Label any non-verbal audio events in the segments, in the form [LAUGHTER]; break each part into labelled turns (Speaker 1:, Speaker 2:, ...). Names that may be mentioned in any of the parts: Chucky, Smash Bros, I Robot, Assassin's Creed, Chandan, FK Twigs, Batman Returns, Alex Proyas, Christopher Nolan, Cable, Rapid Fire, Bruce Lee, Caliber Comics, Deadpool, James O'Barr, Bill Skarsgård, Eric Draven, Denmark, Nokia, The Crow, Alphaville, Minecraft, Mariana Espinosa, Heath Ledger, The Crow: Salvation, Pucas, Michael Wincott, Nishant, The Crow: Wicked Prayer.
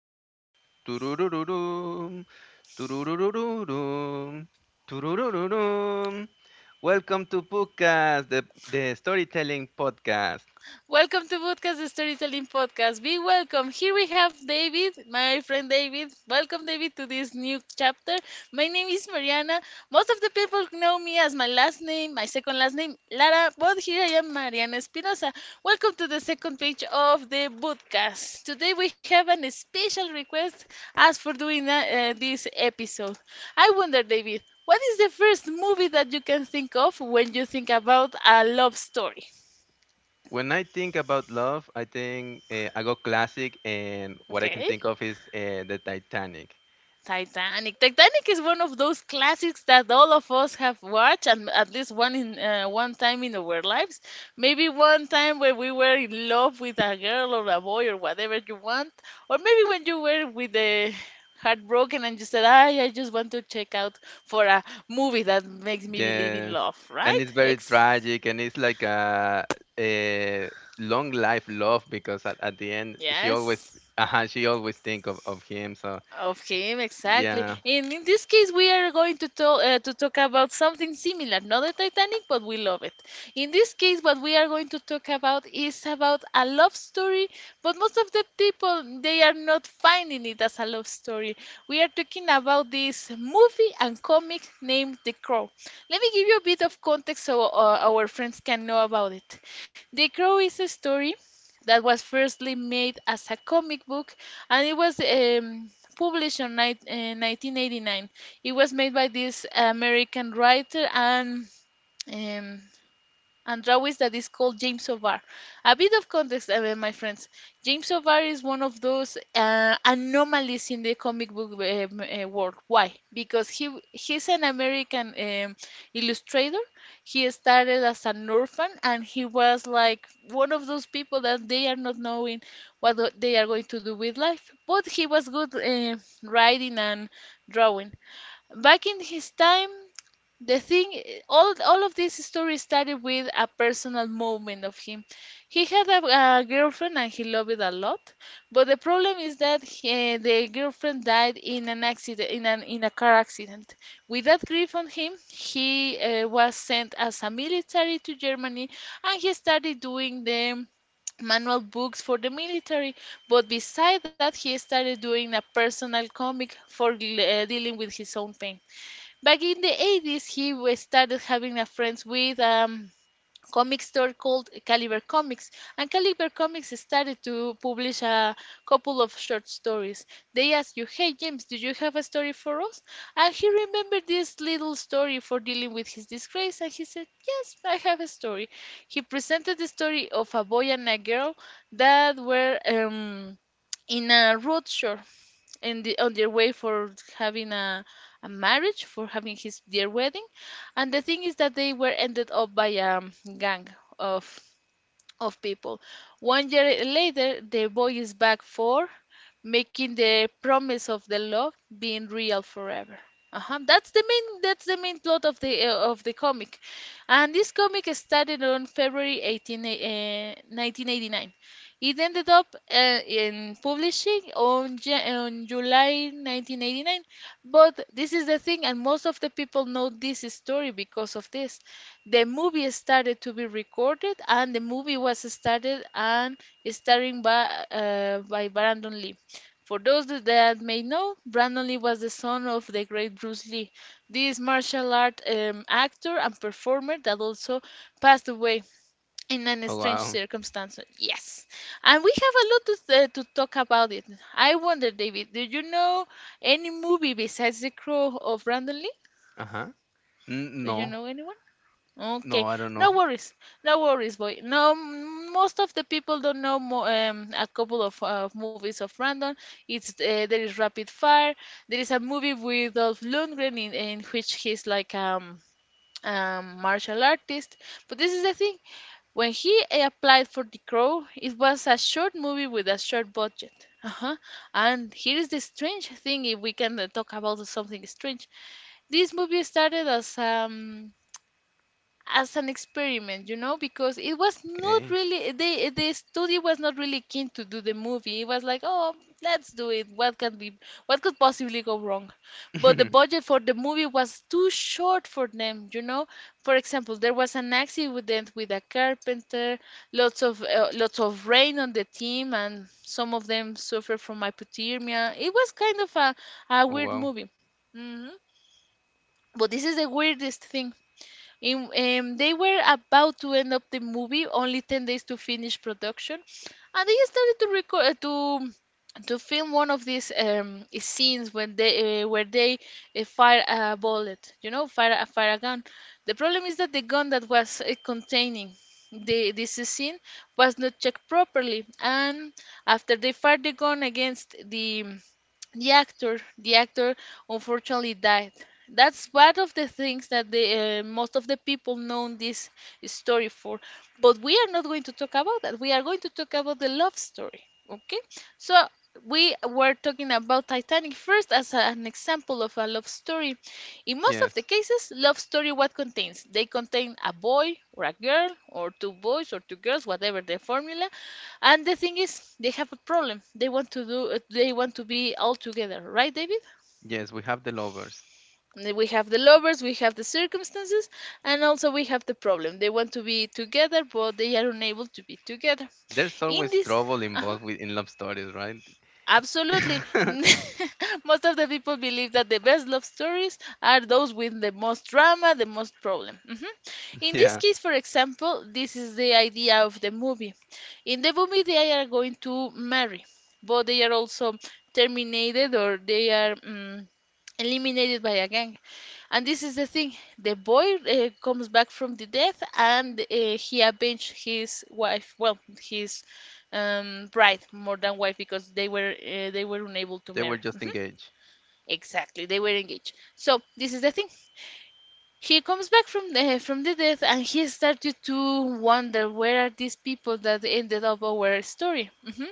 Speaker 1: doom do do do do doom do do do do doom do do. Doo doo doom. Welcome to Pucas, the storytelling podcast.
Speaker 2: Welcome to Podcast Storytelling Podcast. Be welcome. Here we have David, my friend David. Welcome, David, to this new chapter. My name is Mariana. Most of the people know me as my last name, my second last name, Lara, but here I am, Mariana Espinosa. Welcome to the second page of the podcast. Today we have an special request as for doing this episode. I wonder, David, what is the first movie that you can think of when you think about a love story?
Speaker 1: When I think about love, I think I go classic, and what I can
Speaker 2: Okay.
Speaker 1: think of is the Titanic.
Speaker 2: Titanic. Titanic is one of those classics that all of us have watched and at least one in one time in our lives. Maybe one time where we were in love with a girl or a boy or whatever you want, or maybe when you were with the heartbroken and you said, "I just want to check out for a movie that makes me believe in
Speaker 1: Yes,
Speaker 2: love."
Speaker 1: and
Speaker 2: Right?
Speaker 1: it's very
Speaker 2: Ex-
Speaker 1: tragic, and it's like a long life love because at the end
Speaker 2: yes.
Speaker 1: she always think of him. So
Speaker 2: Of him, exactly.
Speaker 1: yeah.
Speaker 2: And in this case, we are going to talk to talk about something similar, not the Titanic, but we love it. In this case, what we are going to talk about is about a love story, but most of the people they are not finding it as a love story. We are talking about this movie and comic named The Crow. Let me give you a bit of context so our friends can know about it. The Crow is a story that was firstly made as a comic book and it was published in 1989. It was made by this American writer um, and drawings that is called James O'Barr. A bit of context, my friends. James O'Barr is one of those anomalies in the comic book world. Why? Because he's an American illustrator. He started as an orphan, and he was like one of those people that they are not knowing what they are going to do with life. But he was good writing and drawing. Back in his time, the thing all of this story started with a personal moment of him. He had a girlfriend and he loved it a lot, but the problem is that he, the girlfriend died in an accident, in an in a car accident. With that grief on him, he was sent as a military to Germany, and he started doing the manual books for the military, but beside that he started doing a personal comic for dealing with his own pain. Back in the 80s, he was started having a friends with comic store called Caliber Comics, and Caliber Comics started to publish a couple of short stories. They asked you, "Hey James, do you have a story for us?" And he remembered this little story for dealing with his disgrace, and he said, "Yes, I have a story." He presented the story of a boy and a girl that were in a road show in the on their way for having a marriage for having his their wedding, and the thing is that they were ended up by a gang of of people. One year later, the boy is back for making the promise of the love being real forever. Uh-huh. That's the main plot of the comic, and this comic started on February 18, 1989. It ended up in publishing on on July 1989, but this is the thing, and most of the people know this story because of this. The movie started to be recorded, and the movie was started and starring by Brandon Lee. For those that may know, Brandon Lee was the son of the great Bruce Lee, this martial art actor and performer that also passed away in an
Speaker 1: Oh
Speaker 2: strange
Speaker 1: wow.
Speaker 2: circumstance. Yes, and we have a lot to talk about it. I wonder, David, do you know any movie besides The Crow of Brandon Lee?
Speaker 1: Uh-huh. N
Speaker 2: Do you
Speaker 1: no.
Speaker 2: know anyone?
Speaker 1: No,
Speaker 2: Okay,
Speaker 1: I don't know.
Speaker 2: no worries, no worries, boy. No, most of the people don't know mo a couple of movies of Random. It's there is Rapid Fire. There is a movie with Dolph Lundgren in which he's like um martial artist. But this is the thing: when he applied for The Crow, it was a short movie with a short budget. Uh-huh. And here is the strange thing: if we can talk about something strange, this movie started as an experiment, you know, because it was not
Speaker 1: Okay.
Speaker 2: really the studio was not really keen to do the movie. It was like, oh, let's do it. What can be what could possibly go wrong? But the
Speaker 1: [LAUGHS]
Speaker 2: budget for the movie was too short for them, you know. For example, there was an accident with a carpenter, lots of rain on the team, and some of them suffered from hypothermia. It was kind of a
Speaker 1: Oh
Speaker 2: weird
Speaker 1: wow.
Speaker 2: movie. Hmm. But this is the weirdest thing. They were about to end up the movie, only 10 days to finish production, and they started to record to film one of these scenes when they where they fire a bullet, you know, fire a gun. The problem is that the gun that was containing the this scene was not checked properly, and after they fired the gun against the actor, the actor unfortunately died. That's one of the things that the most of the people know this story for, but we are not going to talk about that. We are going to talk about the love story. Okay, so we were talking about Titanic first as an example of a love story. In most of
Speaker 1: Yes.
Speaker 2: the cases, love story what contains, they contain a boy or a girl or two boys or two girls, whatever the formula, and the thing is, they have a problem. They want to be all together, right, David?
Speaker 1: Yes, we have the lovers.
Speaker 2: And then we have the lovers, we have the circumstances, and also we have the problem. They want to be together, but they are unable to be together.
Speaker 1: There's
Speaker 2: In
Speaker 1: always
Speaker 2: this,
Speaker 1: trouble
Speaker 2: uh-huh.
Speaker 1: involved with in love stories, right?
Speaker 2: Absolutely.
Speaker 1: [LAUGHS]
Speaker 2: [LAUGHS] Most of the people believe that the best love stories are those with the most drama, the most problem. Mhm. In this
Speaker 1: Yeah,
Speaker 2: case, for example, this is the idea of the movie. In the movie, they are going to marry, but they are also terminated, or they are eliminated by a gang. And this is the thing: the boy comes back from the death, and he avenged his wife. Well, his bride more than wife, because they were unable to
Speaker 1: they were
Speaker 2: marry.
Speaker 1: just
Speaker 2: Mhm.
Speaker 1: engaged.
Speaker 2: Exactly, they were engaged. So this is the thing: he comes back from the death, and he started to wonder where are these people that ended up our story. Mhm.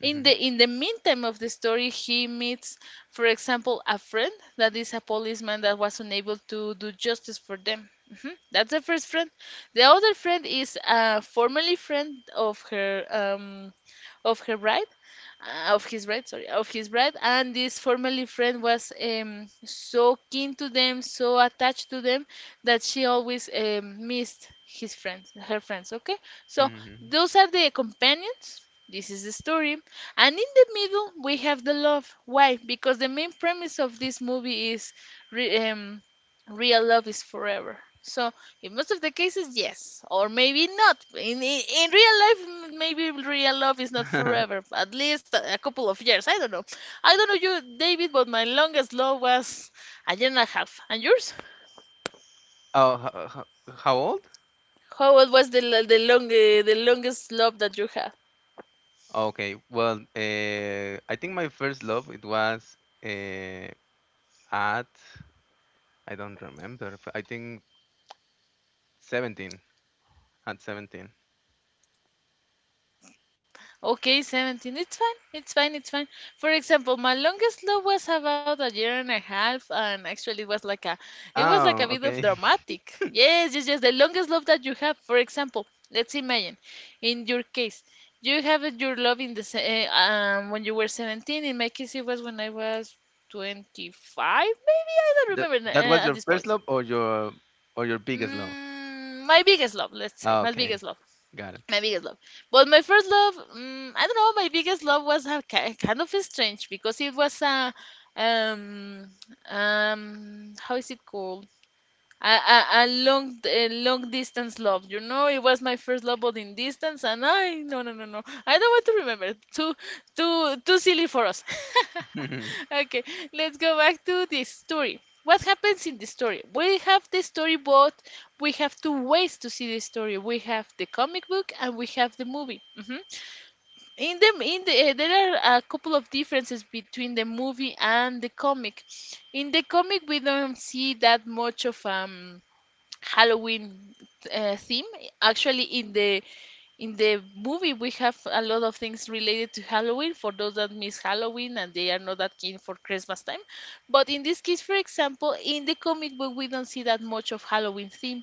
Speaker 2: In the
Speaker 1: Hmm.
Speaker 2: in the meantime of the story, he meets, for example, a friend that is a policeman that was unable to do justice for them. Mhm. That's the first friend. The other friend is a formerly friend of her bride, of his bride, and this formerly friend was so keen to them, so attached to them, that she always missed his friends, her friends. Okay, so
Speaker 1: Hmm.
Speaker 2: those are the companions. This is the story, and in the middle we have the love. Why? Because the main premise of this movie is re- um, real love is forever. So in most of the cases, yes, or maybe not. In real life, maybe real love is not
Speaker 1: [LAUGHS]
Speaker 2: forever. At least a couple of years. I don't know. I don't know you, David, but my longest love was a year and a half. And yours?
Speaker 1: Oh, how old?
Speaker 2: How was the longest love that you had?
Speaker 1: Okay, well, I think my first love it was, uh, at I don't remember. I think 17, at 17.
Speaker 2: Okay, 17. It's fine. It's fine. It's fine. For example, my longest love was about a year and a half, and actually it was like a, it was like a
Speaker 1: Oh,
Speaker 2: bit of
Speaker 1: okay. [LAUGHS]
Speaker 2: dramatic. Yes, yes, yes. The longest love that you have. For example, let's imagine, in your case, you have your love in when you were 17. In my case, it was when I was 25, maybe. I don't
Speaker 1: That
Speaker 2: remember
Speaker 1: that was
Speaker 2: at
Speaker 1: your
Speaker 2: this
Speaker 1: first
Speaker 2: point.
Speaker 1: love or your biggest love?
Speaker 2: Mm, my biggest love, let's say,
Speaker 1: Ah,
Speaker 2: my
Speaker 1: okay,
Speaker 2: biggest love.
Speaker 1: got it.
Speaker 2: My biggest love. But my first love, mm I don't know, my biggest love was a, kind of strange because it was a um how is it called? A long distance love. You know, it was my first love, but in distance, and I no no no no. I don't want to remember. Too silly for us.
Speaker 1: [LAUGHS]
Speaker 2: [LAUGHS] Okay, let's go back to the story. What happens in the story? We have the story, but we have two ways to see the story. We have the comic book and we have the movie. Mhm. In the There are a couple of differences between the movie and the comic. In the comic, we don't see that much of Halloween theme. Actually, in the movie, we have a lot of things related to Halloween for those that miss Halloween and they are not that keen for Christmas time. But in this case, for example, in the comic book, we don't see that much of Halloween theme,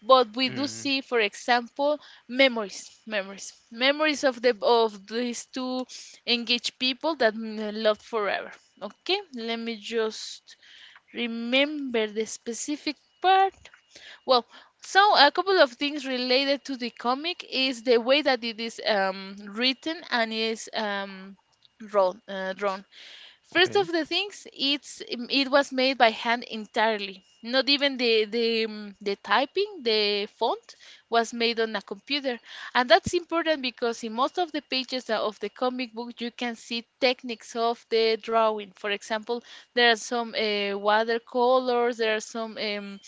Speaker 2: but we do
Speaker 1: Mm,
Speaker 2: see, for example, memories of these two engaged people that love forever. Okay, let me just remember the specific part. Well, so a couple of things related to the comic is the way that it is written and is drawn. First
Speaker 1: okay.
Speaker 2: of the things, it was made by hand entirely. Not even the typing, the font was made on a computer, and that's important because in most of the pages of the comic book you can see techniques of the drawing. For example, there are some watercolors, there are some. Um,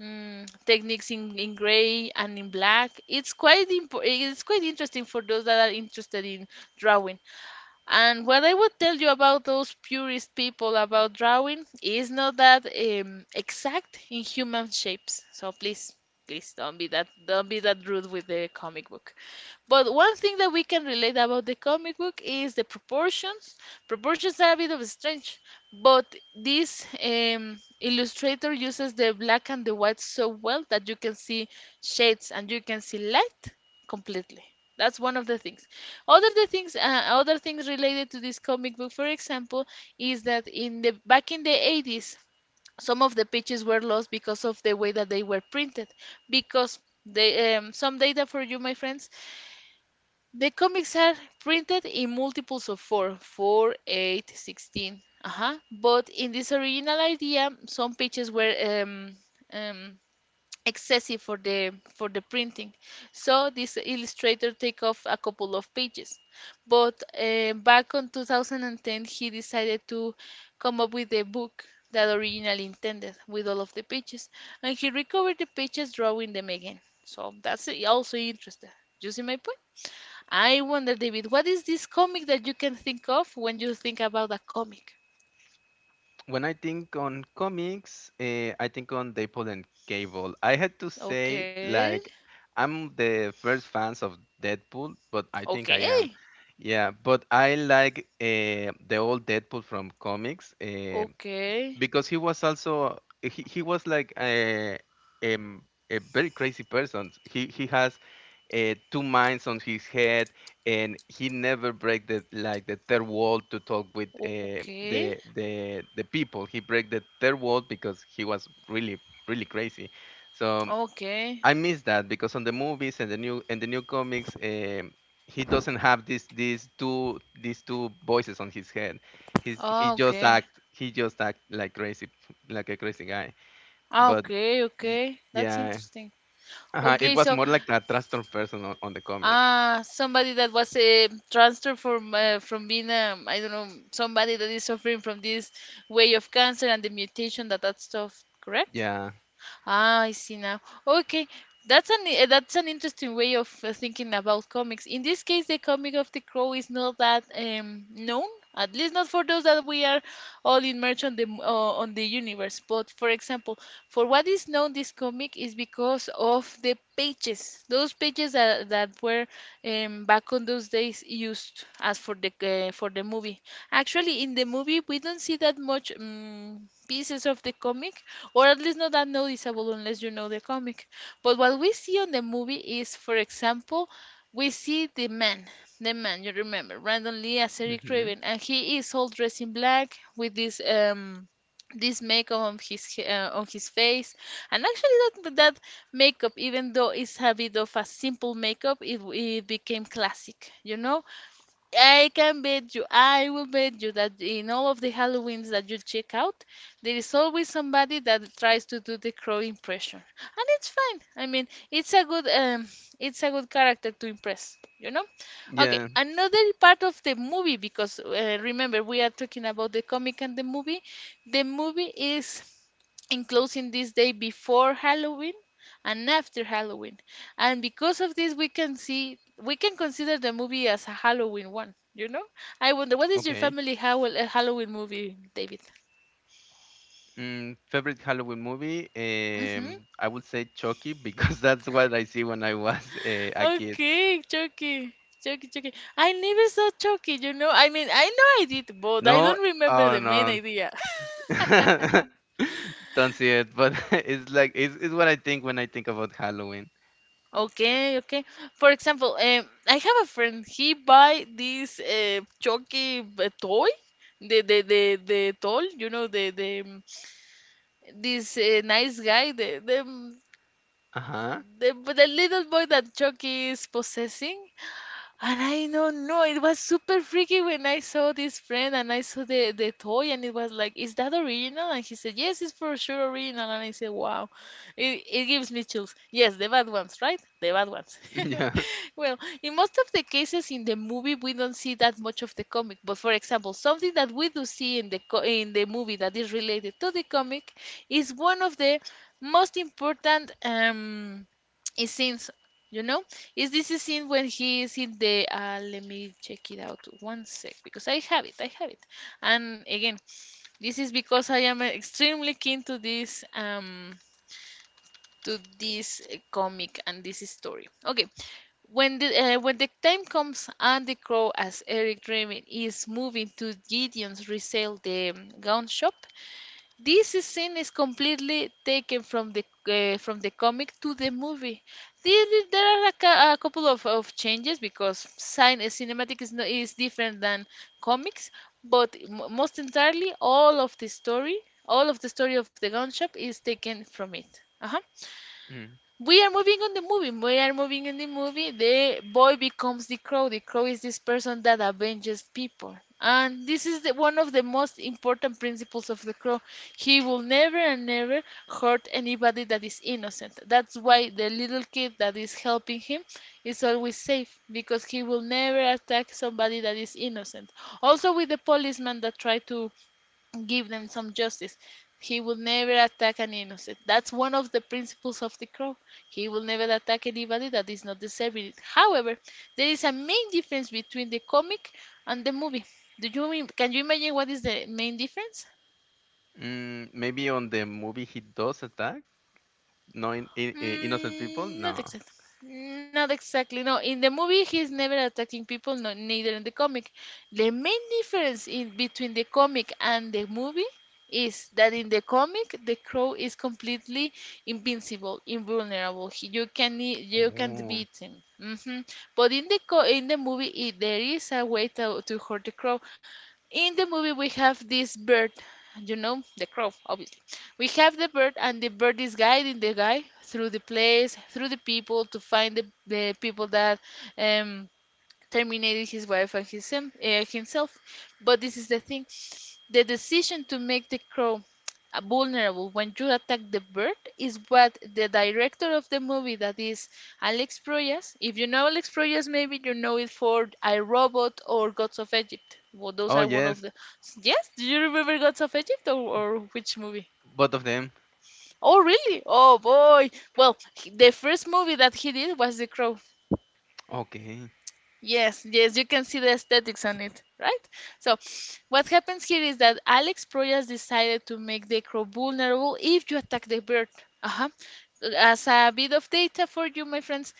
Speaker 2: Mm, Techniques in gray and in black. It's quite interesting for those that are interested in drawing. And what I would tell you about those purist people about drawing is not that exact in human shapes. So please, don't be that rude with the comic book. But one thing that we can relate about the comic book is the proportions. Proportions are a bit of strange, but this illustrator uses the black and the white so well that you can see shades and you can see light completely. That's one of the things. Other the things, uh, Other things related to this comic book, for example, is that in the back in the 80s, some of the pictures were lost because of the way that they were printed. Because the some data for you, my friends, the comics are printed in multiples of four, four, eight, 16. Uh huh. But in this original idea, some pictures were um, excessive for the printing, so this illustrator take off a couple of pages, but back on 2010 he decided to come up with a book that originally intended with all of the pages, and he recovered the pages drawing them again, so that's also interesting. You see my point? I wonder, David, what is this comic that you can think of when you think about a comic?
Speaker 1: When I think on comics, I think on Deadpool and Cable. I had to say
Speaker 2: okay
Speaker 1: like I'm the first fans of Deadpool, but I think I
Speaker 2: okay
Speaker 1: am. Yeah, but I like the old Deadpool from comics.
Speaker 2: okay
Speaker 1: Because he was also he was like um, a very crazy person. He has two minds on his head, and he never break the like the third wall to talk with
Speaker 2: okay
Speaker 1: the people. He break the third wall because he was really really crazy. So
Speaker 2: okay
Speaker 1: I miss that because on the movies and the new comics, he doesn't have this these two voices on his head. He's he
Speaker 2: Oh,
Speaker 1: just
Speaker 2: okay.
Speaker 1: act he just act like crazy like a crazy guy.
Speaker 2: Ah,
Speaker 1: But
Speaker 2: okay,
Speaker 1: y-
Speaker 2: okay. That's
Speaker 1: yeah,
Speaker 2: interesting.
Speaker 1: it
Speaker 2: Okay,
Speaker 1: was
Speaker 2: so
Speaker 1: more like a transformed person on the comic.
Speaker 2: somebody that was transferred from being I don't know, somebody that is suffering from this way of cancer and the mutation, that stuff, correct?
Speaker 1: Yeah.
Speaker 2: Ah, I see now. Okay, that's an that's an interesting way of thinking about comics. In this case, the comic of the Crow is not that known, at least not for those that we are all immersed on on the universe. But for example, for what is known, this comic is because of the pages, those pages that were back on those days used as for the movie. Actually, in the movie, we don't see that much pieces of the comic, or at least not that noticeable unless you know the comic. But what we see on the movie is, for example, we see the man, the man, you remember, Brandon Lee as Eric
Speaker 1: Hmm.
Speaker 2: Draven, and he is all dressed in black with this makeup on on his face, and actually that makeup, even though it's a bit of a simple makeup, it became classic, you know. I can bet you, I will bet you that in all of the Halloweens that you check out, there is always somebody that tries to do the crow impression, and it's fine. I mean, it's a good character to impress, you know. Okay,
Speaker 1: Yeah.
Speaker 2: another part of the movie because remember we are talking about the comic and the movie. The movie is in closing this day before Halloween and after Halloween. And because of this, we can consider the movie as a Halloween one. You know, I wonder what is your
Speaker 1: Okay.
Speaker 2: family, how a Halloween movie, David?
Speaker 1: Mm, favorite Halloween movie?
Speaker 2: Mm-hmm.
Speaker 1: I would say Chucky because [LAUGHS] that's what I see when I was a kid.
Speaker 2: Okay, Chucky. Chucky. I never saw Chucky, you know. I mean, I know I did, but I
Speaker 1: No,
Speaker 2: don't remember
Speaker 1: oh
Speaker 2: the main
Speaker 1: no.
Speaker 2: idea. [LAUGHS]
Speaker 1: [LAUGHS] Don't see it, but [LAUGHS] it's like it's what I think when I think about Halloween.
Speaker 2: Okay, okay. For example, I have a friend. He buy this Chucky toy, the doll. You know the this nice guy, the the
Speaker 1: Uh-huh. [LAUGHS]
Speaker 2: the the little boy that Chucky is possessing. And I don't know, it was super freaky when I saw this friend and I saw the toy, and it was like, is that original? And he said, yes, it's for sure original. And I said, wow, it gives me chills. Yes, the bad ones, right? The bad ones.
Speaker 1: Yeah.
Speaker 2: [LAUGHS] Well, in most of the cases in the movie, we don't see that much of the comic. But for example, something that we do see in in the movie that is related to the comic is one of the most important scenes, you know? Is this the scene when he is in the let me check it out one sec because I have it, I have it. And again, this is because I am extremely keen to this comic and this story. Okay. When the time comes and the crow as Eric Draven is moving to Gideon's resale, the gun shop, this scene is completely taken from the comic to the movie. There, there are a couple of changes because cinematic is no, is different than comics, but most entirely all of the story, all of the story of the gun shop is taken from it. Uh-huh.
Speaker 1: Mm.
Speaker 2: We are moving on the movie. We are moving in the movie. The boy becomes the crow. The crow is this person that avenges people. And this is one of the most important principles of the crow. He will never hurt anybody that is innocent. That's why the little kid that is helping him is always safe, because he will never attack somebody that is innocent. Also, with the policeman that tried to give them some justice. He will never attack an innocent. That's one of the principles of the crow. He will never attack anybody that is not deserving it. However, there is a main difference between the comic and the movie. Do you can you imagine what is the main difference?
Speaker 1: Mm, maybe on the movie he does attack? No, innocent people?
Speaker 2: Mm,
Speaker 1: No.
Speaker 2: not exactly. Not exactly. No, in the movie he's never attacking people. No, neither in the comic. The main difference in between the comic and the movie is that in the comic the crow is completely invincible, invulnerable. He, you can't
Speaker 1: Oh.
Speaker 2: beat him. Hmm. But in the co in the movie, there is a way to hurt the crow. In the movie we have this bird, you know, the crow, obviously. We have the bird, and the bird is guiding the guy through the place, through the people, to find the people that um terminated his wife and his, himself. But this is the thing, the decision to make the crow [TSK] vulnerable when you attack the bird is what the director of the movie, that is Alex Proyas. If you know Alex Proyas, maybe you know it for I Robot or Gods of Egypt. Well, those
Speaker 1: Oh
Speaker 2: are one of
Speaker 1: yes,
Speaker 2: the. Yes, do you remember Gods of Egypt, or which movie?
Speaker 1: both of them.
Speaker 2: Oh, really? Oh, boy. Well, the first movie that he did was The Crow.
Speaker 1: Okay.
Speaker 2: Yes, yes, you can see the aesthetics on it, right? So, what happens here is that Alex Proyas decided to make the crow vulnerable if you attack the bird. Uh-huh. As a bit of data for you, my friends,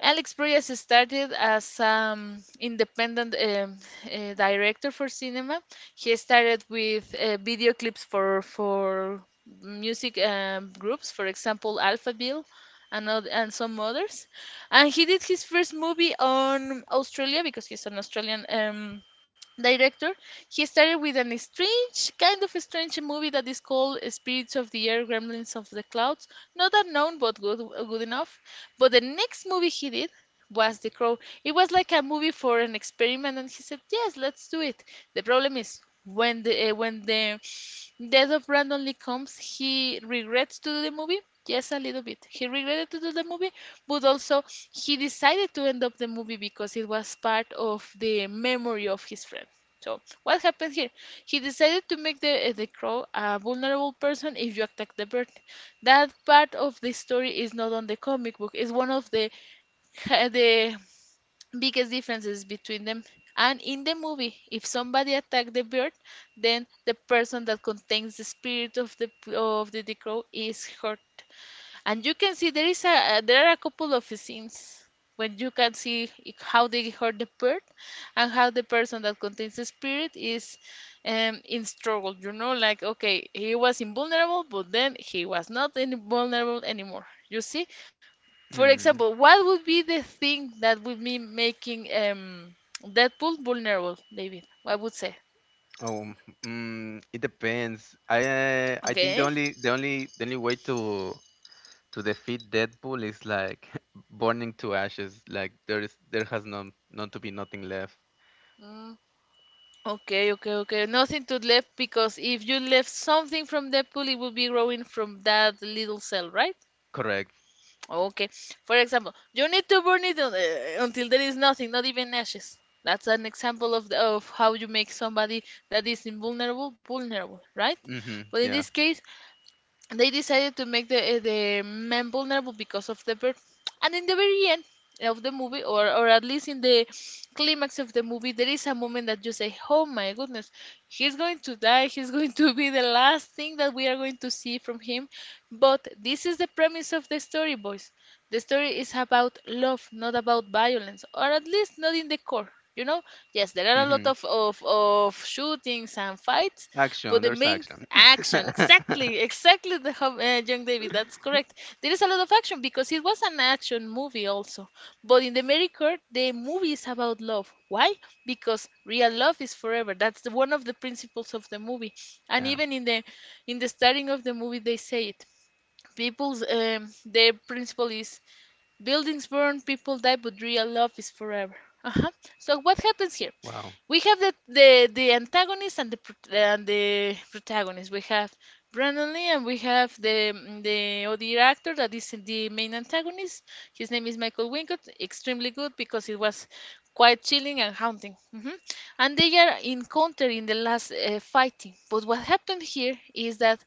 Speaker 2: Alex Proyas started as independent director for cinema. He started with video clips for music groups, for example, Alphaville and some others. And he did his first movie on Australia because he's an Australian director. He started with an strange kind of strange movie that is called Spirits of the Air, Gremlins of the Clouds. Not unknown, but good enough. But the next movie he did was The Crow. It was like a movie for an experiment, and he said, "Yes, let's do it." The problem is, when the death of Brandon Lee comes, he regrets to do the movie. Yes, a little bit. He regretted to do the movie, but also he decided to end up the movie because it was part of the memory of his friend. So what happened here? He decided to make the crow a vulnerable person if you attack the bird. That part of the story is not on the comic book. It's one of the [LAUGHS] the biggest differences between them. And in the movie, if somebody attack the bird, then the person that contains the spirit of the crow is hurt. And you can see there is a there are a couple of scenes when you can see how they hurt the bird and how the person that contains the spirit is, in struggle, you know, like, okay, he was invulnerable, but then he was not invulnerable anymore, you see. For
Speaker 1: Mm.
Speaker 2: example, what would be the thing that would be making Deadpool vulnerable, David? What would say?
Speaker 1: Oh, it depends. I think the
Speaker 2: Okay.
Speaker 1: only the only the only way to defeat Deadpool is like [LAUGHS] burning to ashes. Like there has not to be nothing left.
Speaker 2: Okay, okay, okay. Nothing to left, because if you left something from that pool, it will be growing from that little cell, right?
Speaker 1: Correct.
Speaker 2: Okay. For example, you need to burn it until there is nothing, not even ashes. That's an example of of how you make somebody that is invulnerable vulnerable, right?
Speaker 1: Mhm.
Speaker 2: But in this
Speaker 1: Yeah.
Speaker 2: case, they decided to make the man vulnerable because of the bird. And in the very end of the movie, or at least in the climax of the movie, there is a moment that you say, "Oh my goodness, he's going to die. He's [LAUGHS] going to be the last thing that we are going to see from him." But this is the premise of the story, boys. The story is about love, not about violence, or at least not in the core. You know, yes, there are a lot
Speaker 1: Mhm.
Speaker 2: of shootings and fights, for
Speaker 1: Action.
Speaker 2: the
Speaker 1: There's
Speaker 2: main
Speaker 1: action.
Speaker 2: action.
Speaker 1: [LAUGHS]
Speaker 2: Exactly, exactly, young David. That's correct. There is a lot of action because it was an action movie also, but in the Mary Kurt, the movie is about love. Why? Because real love is forever. That's one of the principles of the movie. And
Speaker 1: Yeah.
Speaker 2: even in the starting of the movie they say it. People's, their principle is, "Buildings burn, people die, but real love is forever." Uh-huh. So what happens here?
Speaker 1: Wow.
Speaker 2: We have the antagonist and the protagonist. We have Brandon Lee, and we have the other actor that is the main antagonist. His name is Michael Wincott. Extremely good, because it was quite chilling and haunting. Hmm. And they are encountered in the last fighting. But what happened here is that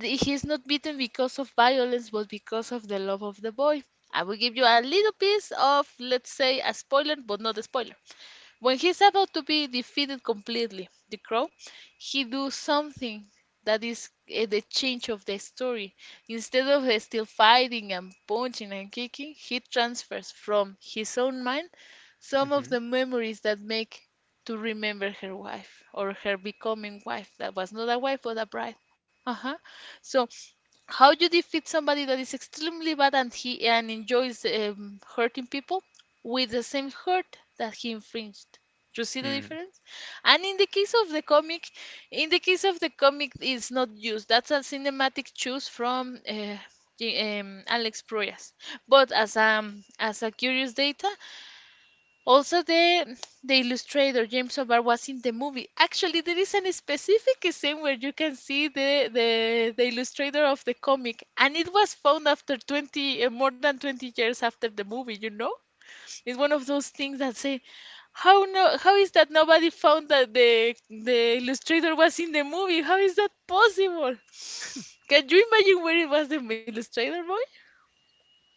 Speaker 2: he's not beaten because of violence, but because of the love of the boy. I will give you a little piece of, let's say, a spoiler, but not a spoiler. When he's about to be defeated completely, the crow, he do something that is the change of the story. Instead of still fighting and punching and kicking, he transfers from his own mind some of
Speaker 1: Mhm.
Speaker 2: the memories that make to remember her wife, or her becoming wife, that was not a wife but a bride. Uh huh. So, how you defeat somebody that is extremely bad and he and enjoys hurting people with the same hurt that he infringed? You see the
Speaker 1: Mm.
Speaker 2: difference? And in the case of the comic, in the case of the comic, it's not used. That's a cinematic choose from Alex Proyas. But as a curious data, also, the illustrator James O'Barr was in the movie. Actually, there is a specific scene where you can see the illustrator of the comic, and it was found after more than 20 years after the movie. You know, it's one of those things that say, how no, how is that nobody found that the illustrator was in the movie? How is that possible? Can you imagine where it was the illustrator, boy?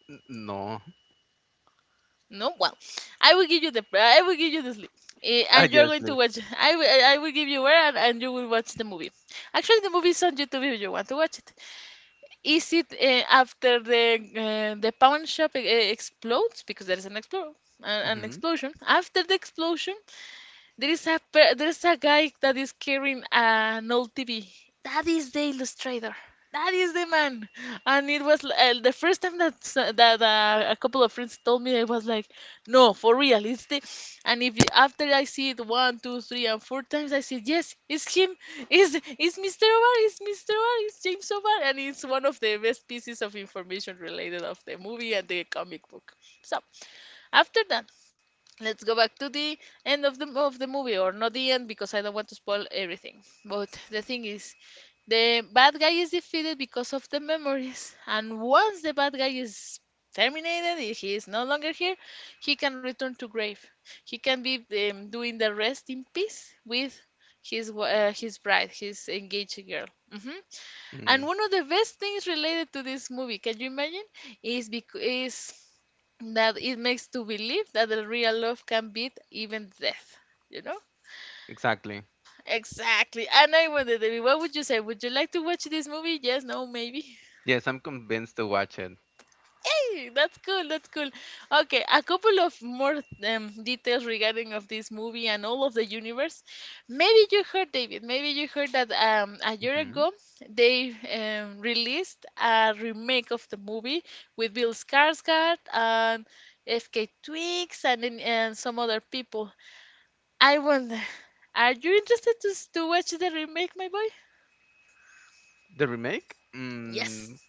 Speaker 1: No. [LAUGHS]
Speaker 2: No, well, I will give you the sleep. Eh,
Speaker 1: Ah,
Speaker 2: and you're
Speaker 1: yes,
Speaker 2: going to
Speaker 1: please.
Speaker 2: watch. I will give you where, and you will watch the movie. Actually, the movie is on YouTube if you want to watch it. Is it after the pawn shop explodes, because there is an
Speaker 1: Mhm.
Speaker 2: explosion? After the explosion, there is a per there is a guy that is carrying an old TV. That is the illustrator. That is the man. And it was, the first time that a couple of friends told me, I was like, no, for real, it's the. And if you- after I see it one, two, three, and four times, I said, yes, it's him. It's Mr. Obar. It's Mr. Obar. It's James Obar, and it's one of the best pieces of information related of the movie and the comic book. So, after that, let's go back to the end of the movie, or not the end, because I don't want to spoil everything. But the thing is, the bad guy is defeated because of the memories, and once the bad guy is terminated, he is no longer here. He can return to grave. He can be, doing the rest in peace with his bride, his engaged girl. Hmm. And
Speaker 1: Mm.
Speaker 2: one of the best things related to this movie, can you imagine, is because is, that it makes to believe that the real love can beat even death. You know?
Speaker 1: Exactly.
Speaker 2: Exactly. And I wonder, Debbie, what would you say? Would you like to watch this movie? Yes, no, maybe. [LAUGHS]
Speaker 1: Yes, I'm convinced to watch it.
Speaker 2: Hey, that's cool. That's cool. Okay, a couple of more details regarding of this movie and all of the universe. Maybe you heard, David. Maybe you heard that a year
Speaker 1: Mhm.
Speaker 2: ago they released a remake of the movie with Bill Skarsgård and FK Twigs and some other people. I wonder, are you interested to, to watch the remake, my boy?
Speaker 1: The remake?
Speaker 2: Yes.
Speaker 1: Mm.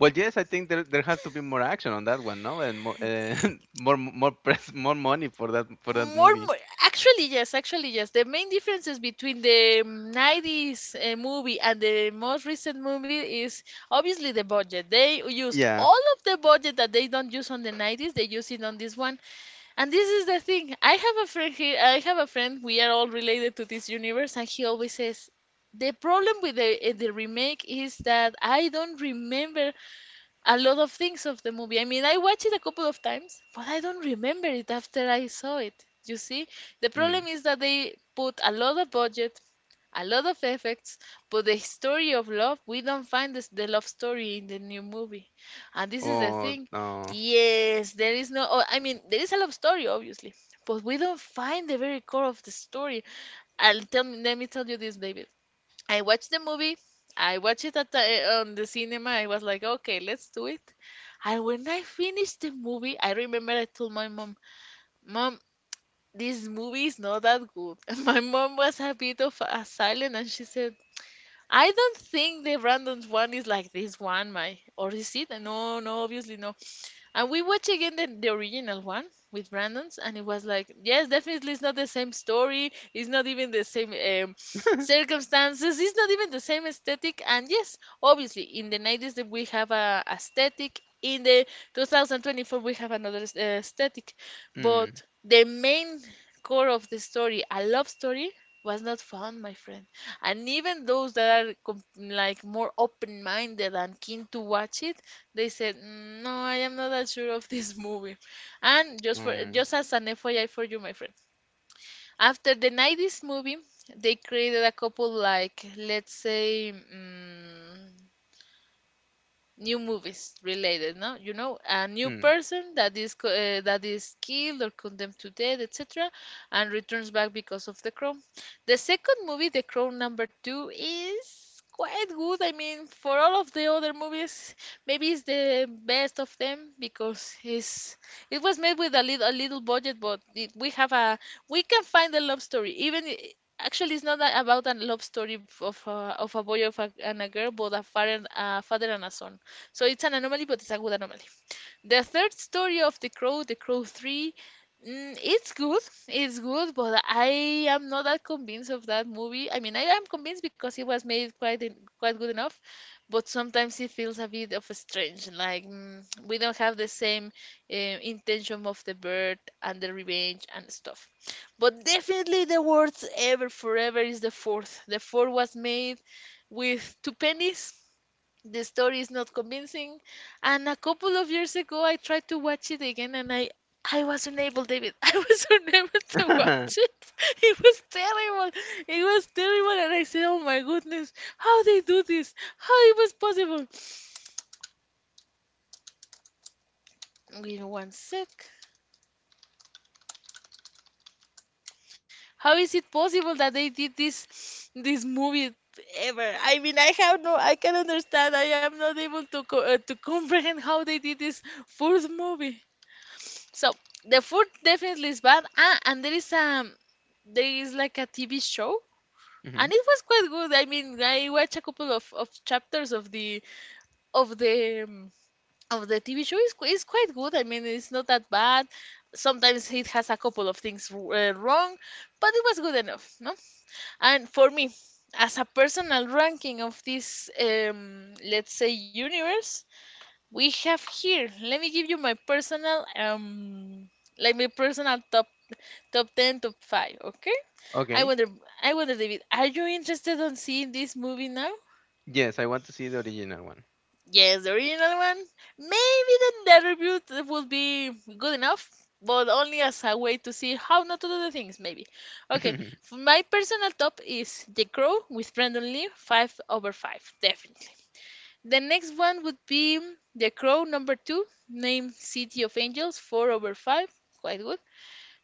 Speaker 1: Well, yes, I think there has to be more action on that one, no? And more [LAUGHS] more press more money for that
Speaker 2: More,
Speaker 1: movie.
Speaker 2: more, actually, yes, actually, yes. The main differences between the 90s movie and the most recent movie is obviously the budget. They used
Speaker 1: Yeah.
Speaker 2: all of the budget that they don't use on the 90s, they use it on this one. And this is the thing. I have a friend here, I have a friend, we are all related to this universe, and he always says, the problem with the remake is that I don't remember a lot of things of the movie. I mean, I watched it a couple of times, but I don't remember it after I saw it. You see, the
Speaker 1: Mm.
Speaker 2: problem is that they put a lot of budget, a lot of effects, but the story of love, we don't find this, the love story in the new movie. And this is the
Speaker 1: Oh
Speaker 2: thing.
Speaker 1: no.
Speaker 2: Yes, there is no, oh, I mean, there is a love story, obviously, but we don't find the very core of the story. And tell me, let me tell you this, David. I watched the movie. I watched it at on the cinema. I was like, okay, let's do it. And when I finished the movie, I remember I told my mom, "Mom, this movie is not that good." [LAUGHS] And my mom was a bit of a silent, and she said, "I don't think the Brandon's one is like this one, my. Or is it? No, no, obviously no." And we watched again the original one with Brandon's, and it was like, yes, definitely it's not the same story. It's not even the same
Speaker 1: [LAUGHS]
Speaker 2: circumstances. It's not even the same aesthetic. And yes, obviously, in the 90s that we have a aesthetic. In the 2024 we have another aesthetic,
Speaker 1: Mm.
Speaker 2: but the main core of the story, a love story, was not found, my friend. And even those that are like more open-minded and keen to watch it, they said, "Mm, no, I am not that sure of this movie." And just for
Speaker 1: Mm.
Speaker 2: just as an FYI for you, my friend, after the '90s movie, they created a couple, like, let's say, mm, new movies related, no? You know, a new
Speaker 1: Mm.
Speaker 2: person that is that is killed or condemned to death, etc., and returns back because of The crown. The second movie, The crown number two, is quite good. I mean, for all of the other movies, maybe it's the best of them because it's it was made with a little budget, but it, we have a we can find a love story even. Actually, it's not about a love story of a boy and a girl, but a father, a father and a son. So it's an anomaly, but it's a good anomaly. The third story of The Crow, The Crow 3, it's good. It's good, but I am not that convinced of that movie. I mean, I am convinced because it was made quite good enough, but sometimes it feels a bit of a strange. Like we don't have the same intention of the bird and the revenge and stuff. But definitely the worst ever forever is the fourth. The fourth was made with two pennies, the story is not convincing. And a couple of years ago, I tried to watch it again and I was unable, David. [LAUGHS] I was unable to watch
Speaker 1: [LAUGHS]
Speaker 2: it. [LAUGHS] It was terrible. It was terrible. And I said, oh my goodness, how they do this? How it was possible? [SNIFFS] Wait one sec. How is it possible that they did this movie ever? I mean, I have no, I can understand. I am not able to to [LAUGHS] comprehend how they did this fourth movie. So the food definitely is bad. Ah, and there is like a TV show, and
Speaker 1: Mhm.
Speaker 2: it was quite good. I mean, I watched a couple of chapters of the of the of the TV show. It's quite good. I mean, it's not that bad. Sometimes it has a couple of things wrong, but it was good enough, no? And for me, as a personal ranking of this let's say universe, we have here. Let me give you my personal like my personal Top 10, top 5, okay? I
Speaker 1: Okay.
Speaker 2: wonder, I wonder, David, are you interested on seeing this movie now?
Speaker 1: Yes, I want to see the original one.
Speaker 2: Yes, the original one. Maybe the would be good enough, but only as a way to see how not to do the things, maybe. Okay,
Speaker 1: [LAUGHS]
Speaker 2: my personal top is The Crow with Brandon Lee, 5 over 5, definitely. The next one would be The Crow number 2, named City of Angels, 4 over 5, quite good.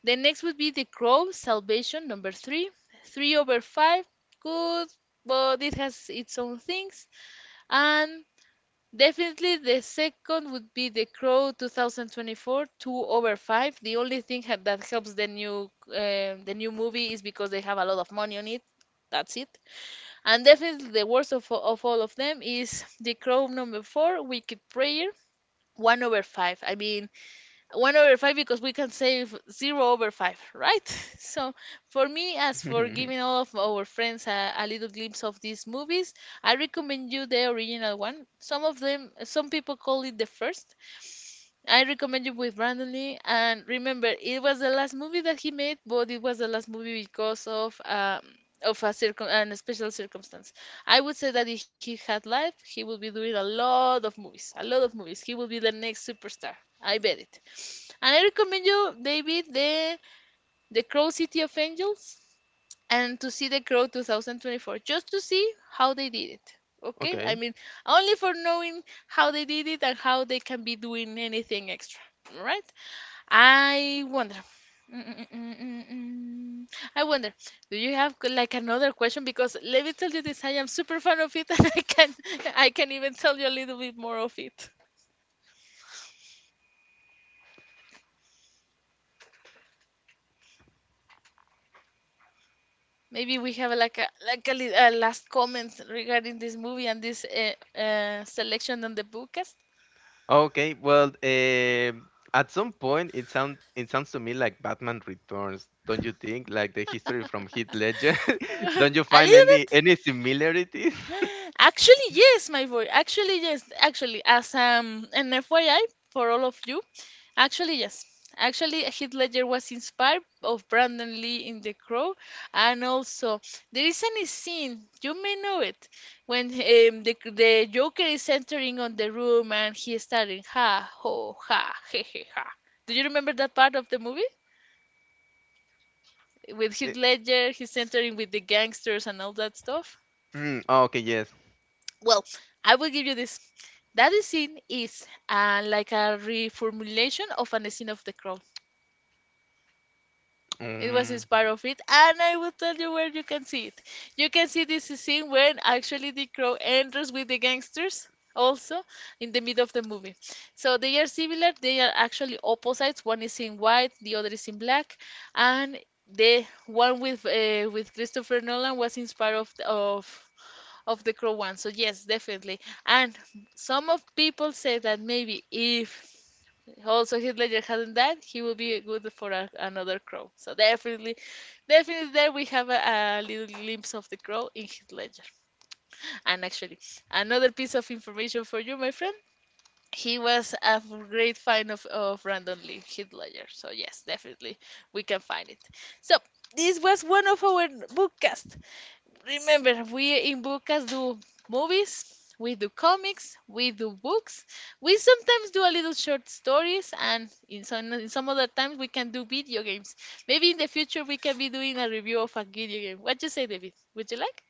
Speaker 2: The next would be the Grove Salvation number three. Three over five, good, but it has its own things. And definitely the second would be the Crow 2024, two over five. The only thing that helps the new the new movie is because they have a lot of money on it. That's it. And definitely the worst of all of them is the Crow number four, Wicked Prayer, one over five. I mean, 1 over 5 because we can save 0 over 5, right? [LAUGHS] So for me, as for giving all of our friends a little glimpse of these movies, I recommend you the original one. Some of them, some people call it the first, I recommend you with Brandon Lee. And remember, it was the last movie that he made, but it was the last movie because of a circum an special circumstance. I would say that if he had life, he would be doing a lot of movies, a lot of movies. He would be the next superstar. I bet it. And I recommend you, David, the Crow City of Angels and to see the Crow 2024, just to see how they did it. Okay? I
Speaker 1: Okay.
Speaker 2: mean, only for knowing how they did it and how they can be doing anything extra. Right? I wonder. Mm-mm-mm-mm-mm. I wonder, do you have like another question? Because let me tell you this, I am super fan of it, [LAUGHS] and I can even tell you a little bit more of it. Maybe we have like a last comment regarding this movie and this selection on the bookcast.
Speaker 1: Okay. Well, at some point, it sounds to me like Batman Returns, don't you think? Like the
Speaker 2: [LAUGHS]
Speaker 1: history from Heath Ledger. [LAUGHS] Don't
Speaker 2: [LAUGHS]
Speaker 1: you
Speaker 2: a
Speaker 1: find
Speaker 2: little
Speaker 1: any
Speaker 2: bit.
Speaker 1: any similarities? [LAUGHS]
Speaker 2: Actually, yes, my boy. Actually, yes. Actually, as an FYI for all of you, actually, yes. Actually, Heath Ledger was inspired of Brandon Lee in The Crow, and also there is any scene you may know it when the Joker is entering on the room and he is starting ha ho ha he ha. Do you remember that part of the movie with
Speaker 1: Eh,
Speaker 2: Heath Ledger? He's entering with the gangsters and all that stuff.
Speaker 1: oh, okay. Yes.
Speaker 2: Well, I will give you this. That scene is like a reformulation of an scene of the crow. It was
Speaker 1: Um,
Speaker 2: inspired of it, and I will tell you where you can see it. You can see this scene when actually the crow enters with the gangsters, also in the middle of the movie. So they are similar, they are actually opposites. One is in white, the other is in black, and the one with Christopher Nolan was inspired of of the crow one. So yes, definitely. And some of people say that maybe if also Heath Ledger hadn't died, he would be good for another crow. So definitely, definitely there we have a little glimpse of the crow in Heath Ledger. And actually, another piece of information for you, my friend. He was a great fan of Brandon Lee, Heath Ledger. So yes, definitely we can find it. So this was one of our bookcasts. Remember, we in Bucas do movies, we do comics, we do books, we sometimes do a little short stories, and in some other times we can do video games. Maybe in the future we can be doing a review of a video game. What you say, David? Would you like?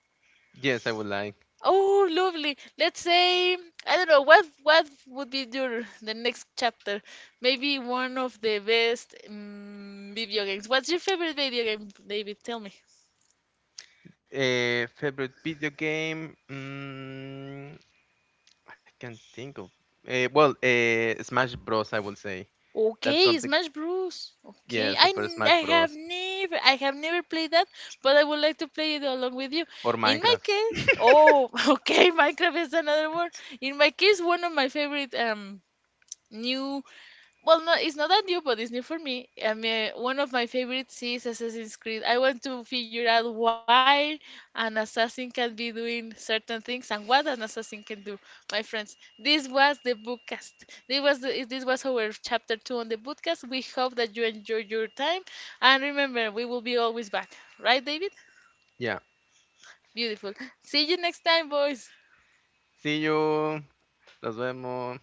Speaker 1: yes, I would like.
Speaker 2: Oh, lovely. Let's say I don't know what would be your the next chapter. Maybe one of the best video games. What's your favorite video game, David? Tell me.
Speaker 1: A favorite video game? I can't think of. Well, Smash Bros. I would say. That's
Speaker 2: Okay,
Speaker 1: something.
Speaker 2: Smash Bros. Okay,
Speaker 1: Yeah, Super Smash Bros.
Speaker 2: I have never played that, but I would like to play it along with you.
Speaker 1: Or
Speaker 2: In my
Speaker 1: Minecraft.
Speaker 2: case, oh, [LAUGHS] okay, Minecraft is another one. In my case, one of my favorite new well, no, it's not that new, but it's new for me. I mean, one of my favorites is Assassin's Creed. I want to figure out why an assassin can be doing certain things and what an assassin can do. My friends, this was the bookcast. This was our chapter two on the bookcast. We hope that you enjoyed your time, and remember, we will be always back, right, David?
Speaker 1: Yeah.
Speaker 2: Beautiful. See you next time, boys.
Speaker 1: See you. Nos vemos.